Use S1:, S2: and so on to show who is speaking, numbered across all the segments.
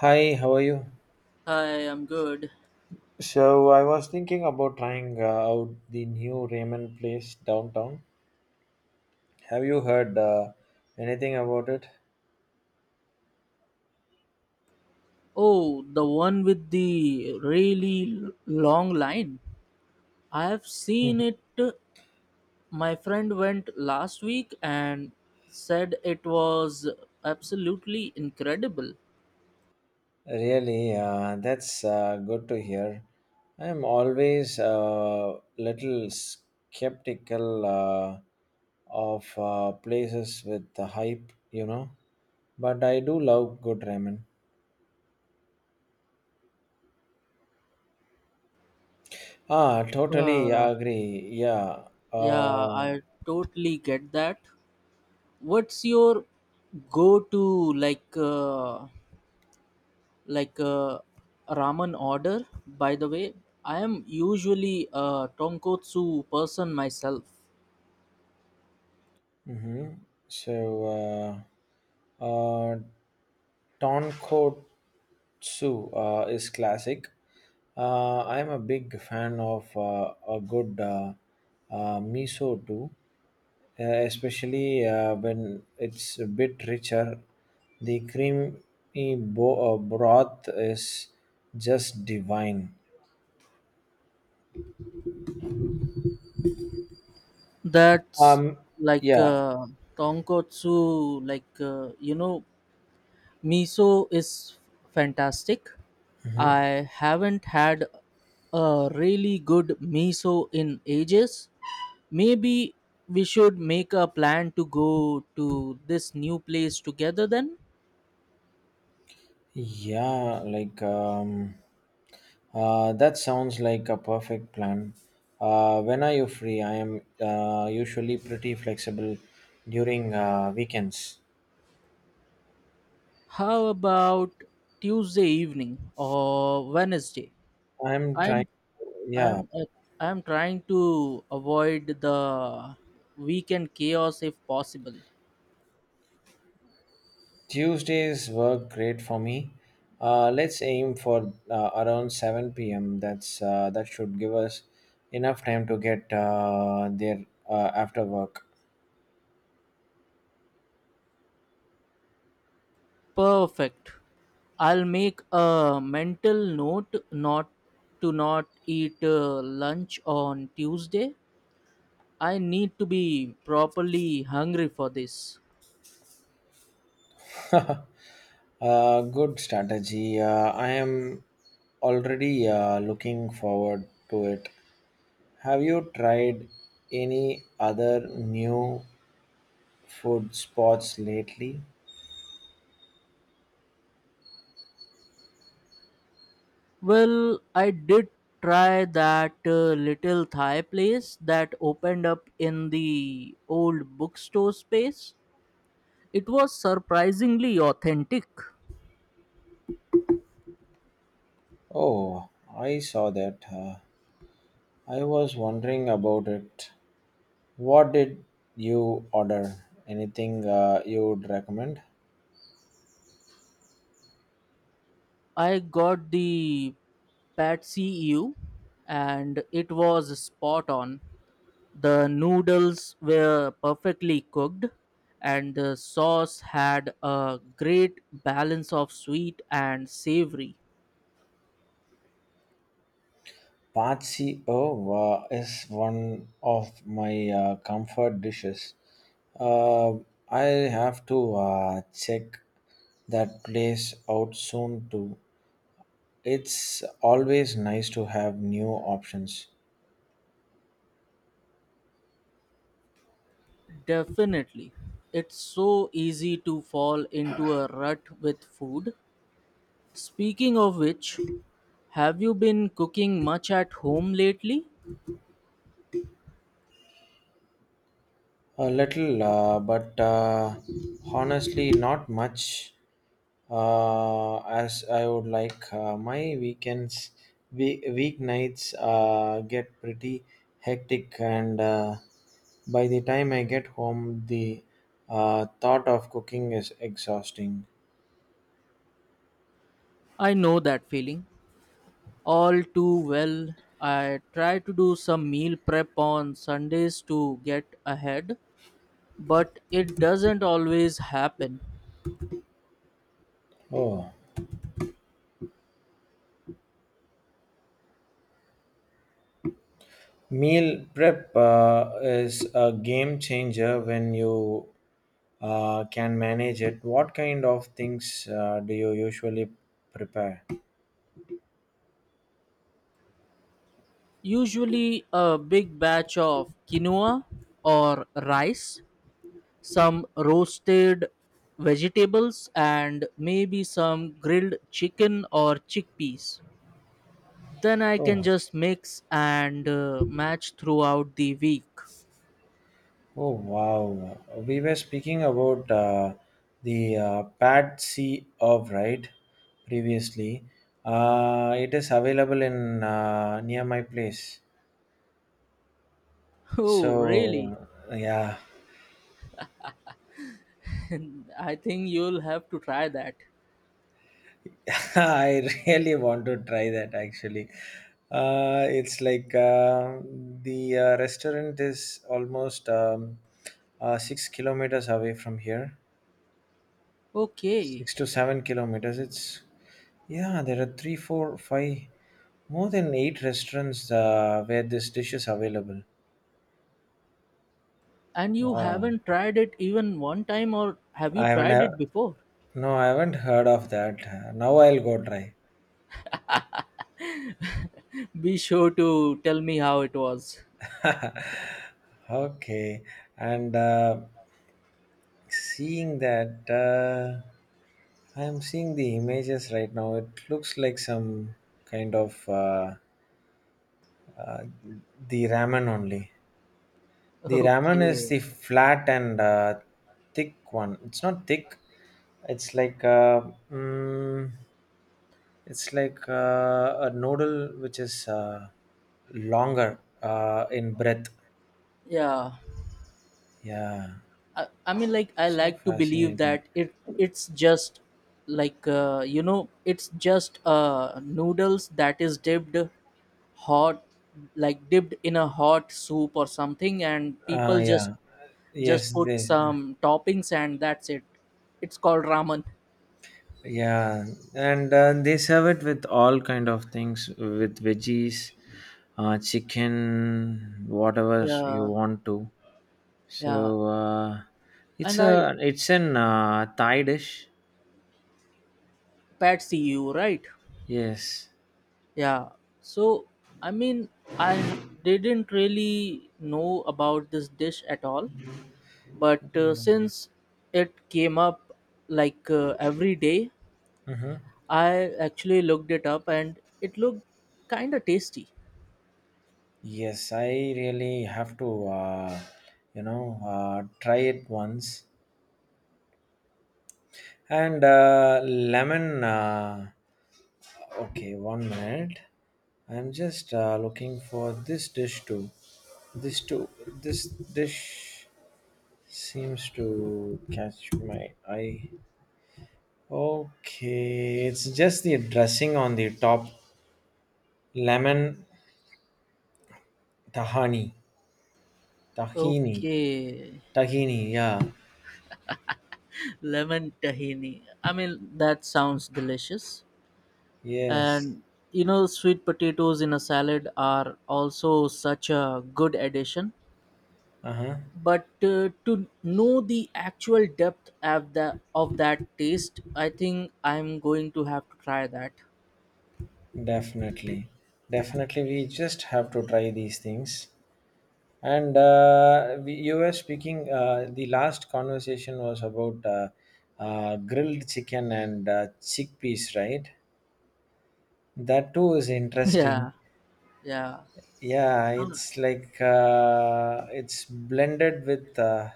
S1: Hi, how are you?
S2: Hi, I'm good.
S1: So I was thinking about trying out the new ramen place downtown. Have you heard anything about it?
S2: Oh, the one with the really long line. I have seen
S1: Mhm.
S2: it. My friend went last week and said it was absolutely incredible.
S1: Really, that's good to hear. I'm always a little skeptical of places with the hype, you know, but I do love good ramen. Ah, totally
S2: Uh,
S1: agree. Yeah.
S2: yeah, I totally get that. What's your go-to like uh, ramen order? By the way, I am usually a tonkotsu person myself.
S1: Mm-hmm. So, uh, uh, Tonkotsu is classic. I'm a big fan of a good miso too, especially when it's a bit richer. The creamy broth is just divine.
S2: That's
S1: Um,
S2: like
S1: yeah.
S2: uh, tonkotsu, miso is fantastic. I haven't had a really good miso in ages. Maybe we should make a plan to go to this new place together then.
S1: Yeah, that sounds like a perfect plan. When are you free? I am usually pretty flexible during weekends.
S2: How about Tuesday evening or Wednesday?
S1: I'm trying.
S2: I'm
S1: Yeah,
S2: I'm uh, I'm trying to avoid the weekend chaos if possible.
S1: Tuesdays work great for me. Let's aim for around 7 p.m. That's that should give us enough time to get there after work.
S2: Perfect. I'll make a mental note not to not eat lunch on Tuesday. I need to be properly hungry for this.
S1: Good strategy. I am already looking forward to it. Have you tried any other new food spots lately?
S2: Well, I did try that little Thai place that opened up in the old bookstore space. It was surprisingly authentic.
S1: Oh, I saw that. I was wondering about it. What did you order? Anything you would recommend?
S2: I got the Patsy EU and it was spot on. The noodles were perfectly cooked and the sauce had a great balance of sweet and savory.
S1: Patsy oh, is one of my comfort dishes. Uh, I have to check that place out soon too. It's always nice to have new options.
S2: Definitely. It's so easy to fall into a rut with food. Speaking of which, have you been cooking much at home lately?
S1: A little, but honestly, not much. As I would like, my weekends, weeknights, get pretty hectic, and by the time I get home, the thought of cooking is exhausting.
S2: I know that feeling. All too well. I try to do some meal prep on Sundays to get ahead, but it doesn't always happen.
S1: Oh. Meal prep is a game changer when you can manage it. What kind of things do you usually prepare?
S2: Usually, a big batch of quinoa or rice, some roasted vegetables, and maybe some grilled chicken or chickpeas. Then I can
S1: Oh,
S2: just mix and match throughout the week.
S1: oh wow. We were speaking about the Pad C of right previously. It is available in near my place.
S2: Oh, really?
S1: So yeah,
S2: I think you'll have to try that.
S1: I really want to try that actually. It's like the restaurant is almost 6 kilometers away from here,
S2: Okay.
S1: 6 to 7 kilometers. It's yeah, there are three, four, five, more than 8 restaurants where this dish is available.
S2: And you
S1: Wow,
S2: haven't tried it even one time, or have you
S1: I haven't
S2: tried
S1: uh,
S2: it before?
S1: no, I haven't heard of that. Now I'll go try.
S2: Be sure to tell me how it was.
S1: Okay, and seeing that, I am seeing the images right now. It looks like some kind of uh, the ramen only. The ramen is
S2: Okay.
S1: the flat and thick one. It's not thick. It's like uh, mm, it's like a noodle which is longer in breadth.
S2: Yeah.
S1: Yeah,
S2: I mean, like, I
S1: so
S2: like to believe
S1: fascinating.
S2: that it's just it's just noodles that is dipped hot, like dipped in a hot soup or something, and
S1: Uh,
S2: people
S1: yeah.
S2: just
S1: Yes,
S2: put
S1: they.
S2: some toppings and that's it. It's called ramen.
S1: Yeah, and they serve it with all kind of things with veggies, chicken, whatever you
S2: Yeah,
S1: want to.
S2: yeah,
S1: so uh, it's
S2: and I
S1: a it's an Thai dish.
S2: Patsy you, right?
S1: Yes.
S2: Yeah. So I mean I h- didn't really know about this dish at all, but since it came up every day,
S1: Mm-hmm.
S2: I actually looked it up and it looked kind of tasty.
S1: Yes, I really have to try it once, and lemon, okay, one minute. I'm just looking for this dish too. This too. This dish seems to catch my eye. Okay, it's just the dressing on the top. Lemon tahani, tahini,
S2: Okay.
S1: tahini. Yeah.
S2: Lemon tahini. I mean, that sounds delicious.
S1: Yes.
S2: And you know, sweet potatoes in a salad are also such a good addition.
S1: Uh huh.
S2: But to know the actual depth of the of that taste, I think I'm going to have to try that.
S1: Definitely. Definitely, we just have to try these things. And you were speaking, the last conversation was about grilled chicken and chickpeas, right? That too is interesting.
S2: Yeah, yeah.
S1: Yeah, it's like it's blended with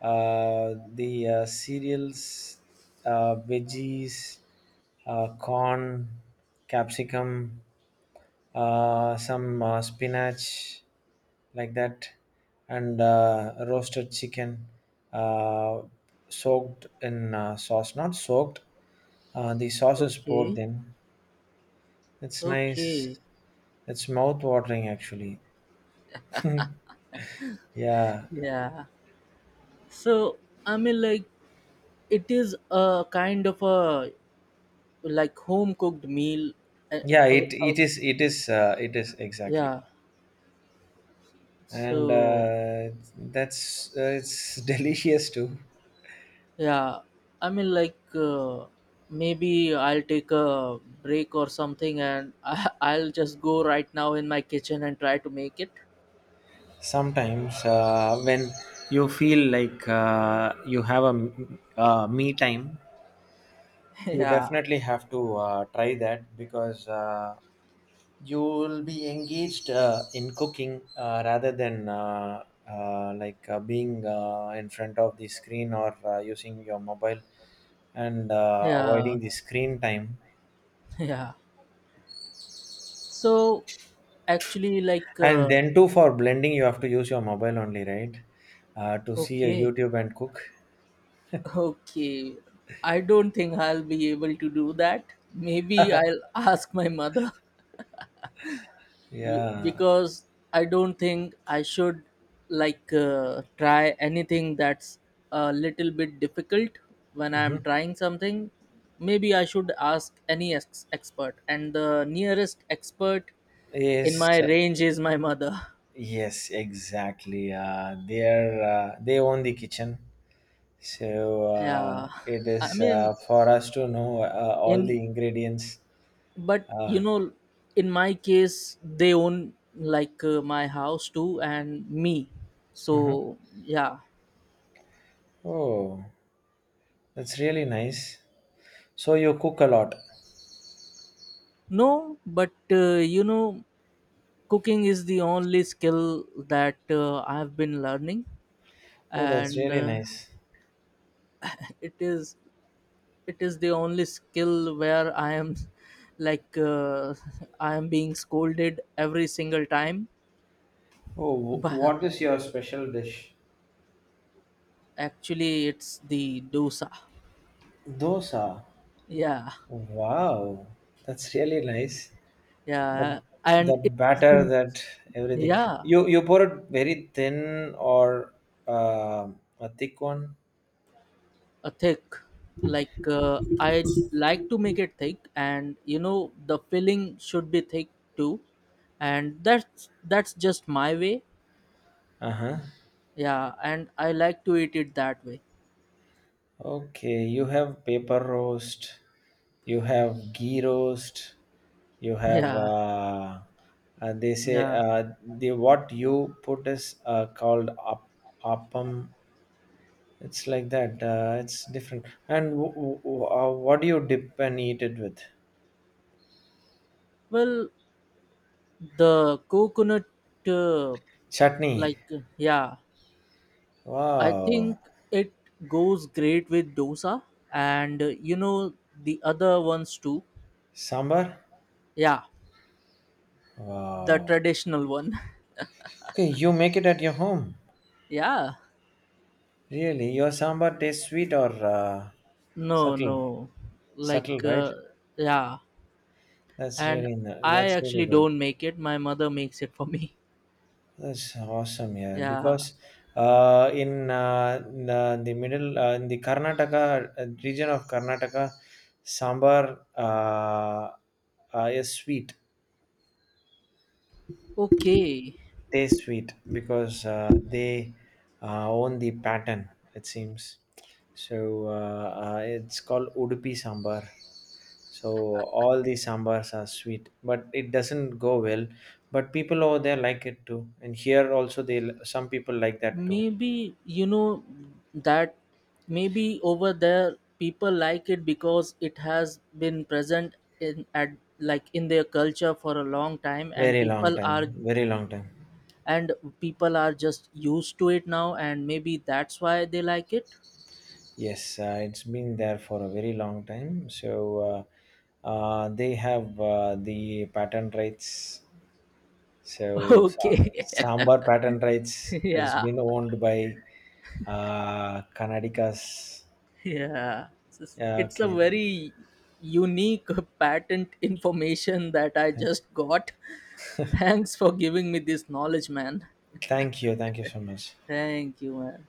S1: the cereals, veggies, corn, capsicum, some spinach, like that, and roasted chicken, uh, soaked in sauce, not soaked, the sauce is poured
S2: Okay,
S1: in. It's
S2: okay.
S1: nice. It's mouth watering actually. Yeah.
S2: Yeah. So I mean, like, it is a kind of a like home cooked meal. uh,
S1: yeah
S2: uh,
S1: it
S2: uh,
S1: it is it is uh, it is exactly,
S2: yeah.
S1: and
S2: So
S1: that's it's delicious too.
S2: yeah, I mean, maybe I'll take a break or something, and I'll just go right now in my kitchen and try to make it.
S1: Sometimes when you feel like you have a me time, you
S2: Yeah,
S1: definitely have to try that because you'll be engaged in cooking rather than being in front of the screen or using your mobile, and
S2: yeah,
S1: avoiding the screen time.
S2: yeah. So, actually,
S1: And then too, for blending, you have to use your mobile only, right, to see a
S2: okay,
S1: YouTube and cook.
S2: okay. I don't think I'll be able to do that. Maybe I'll ask my mother.
S1: Yeah.
S2: Because I don't think I should try anything that's a little bit difficult when
S1: Hmm.
S2: I'm trying something. Maybe I should ask any expert, and the nearest expert in my
S1: Yes,
S2: range is my mother.
S1: yes exactly, they own the kitchen. So
S2: Yeah,
S1: it is
S2: I mean,
S1: for us to know all the
S2: in
S1: ingredients.
S2: but
S1: Ah,
S2: you know, in my case, they own my house too and me.
S1: mhm.
S2: So yeah,
S1: Oh, that's really nice. So you cook a lot.
S2: no, but you know, cooking is the only skill that I've been learning,
S1: Oh, that's
S2: and
S1: really nice.
S2: it is it is the only skill where I am like uh, I am being scolded every single time.
S1: Oh,
S2: But
S1: what is your special dish?
S2: actually, it's the dosa.
S1: Dosa.
S2: Yeah,
S1: Wow, that's really nice. The
S2: yeah,
S1: the
S2: and it is the
S1: batter,
S2: most,
S1: that everything.
S2: yeah,
S1: You pour it very thin or uh, a thick one.
S2: a thick, I like to make it thick, and you know the filling should be thick too, and that's just my way.
S1: Uh huh.
S2: Yeah, and I like to eat it that way.
S1: Okay, you have paper roast, you have ghee roast, you have
S2: Yeah,
S1: they say
S2: yeah.
S1: the what you put is called up, appam. It's like that. It's different. And what do you dip and eat it with?
S2: Well, the coconut, uh,
S1: Chutney.
S2: yeah, I think
S1: Wow.
S2: it goes great with dosa, and you know, the other ones too.
S1: Sambar.
S2: Yeah, the
S1: Wow.
S2: traditional one.
S1: Okay, you make it at your home.
S2: Yeah.
S1: Really, your sambar tastes sweet or
S2: No,
S1: subtle?
S2: no.
S1: Subtle,
S2: Like,
S1: right?
S2: yeah. And I
S1: That's really
S2: actually
S1: good.
S2: don't make it. My mother makes it for me.
S1: That's awesome, yeah.
S2: Yeah.
S1: Because in the Karnataka region of Karnataka, sambar is sweet.
S2: Okay.
S1: Taste sweet because they own the pattern it seems, so it's called Udupi sambar. So all the sambars are sweet, but it doesn't go well, but people over there like it too, and here also they, some people like that too.
S2: Maybe, you know, that maybe over there people like it because it has been present in at like in their culture for a long time, and
S1: Very long time. Very long time.
S2: and people are just used to it now, and maybe that's why they like it.
S1: Yes, it's been there for a very long time. So they have the patent rights. So,
S2: Okay.
S1: Sambar patent rights is
S2: Yeah.
S1: been owned by Karnataka's.
S2: Yeah, it's
S1: Yeah,
S2: it's a
S1: okay.
S2: very unique patent information that I just got. Thanks for giving me this knowledge, man.
S1: Thank you. Thank you so much.
S2: Thank you, man.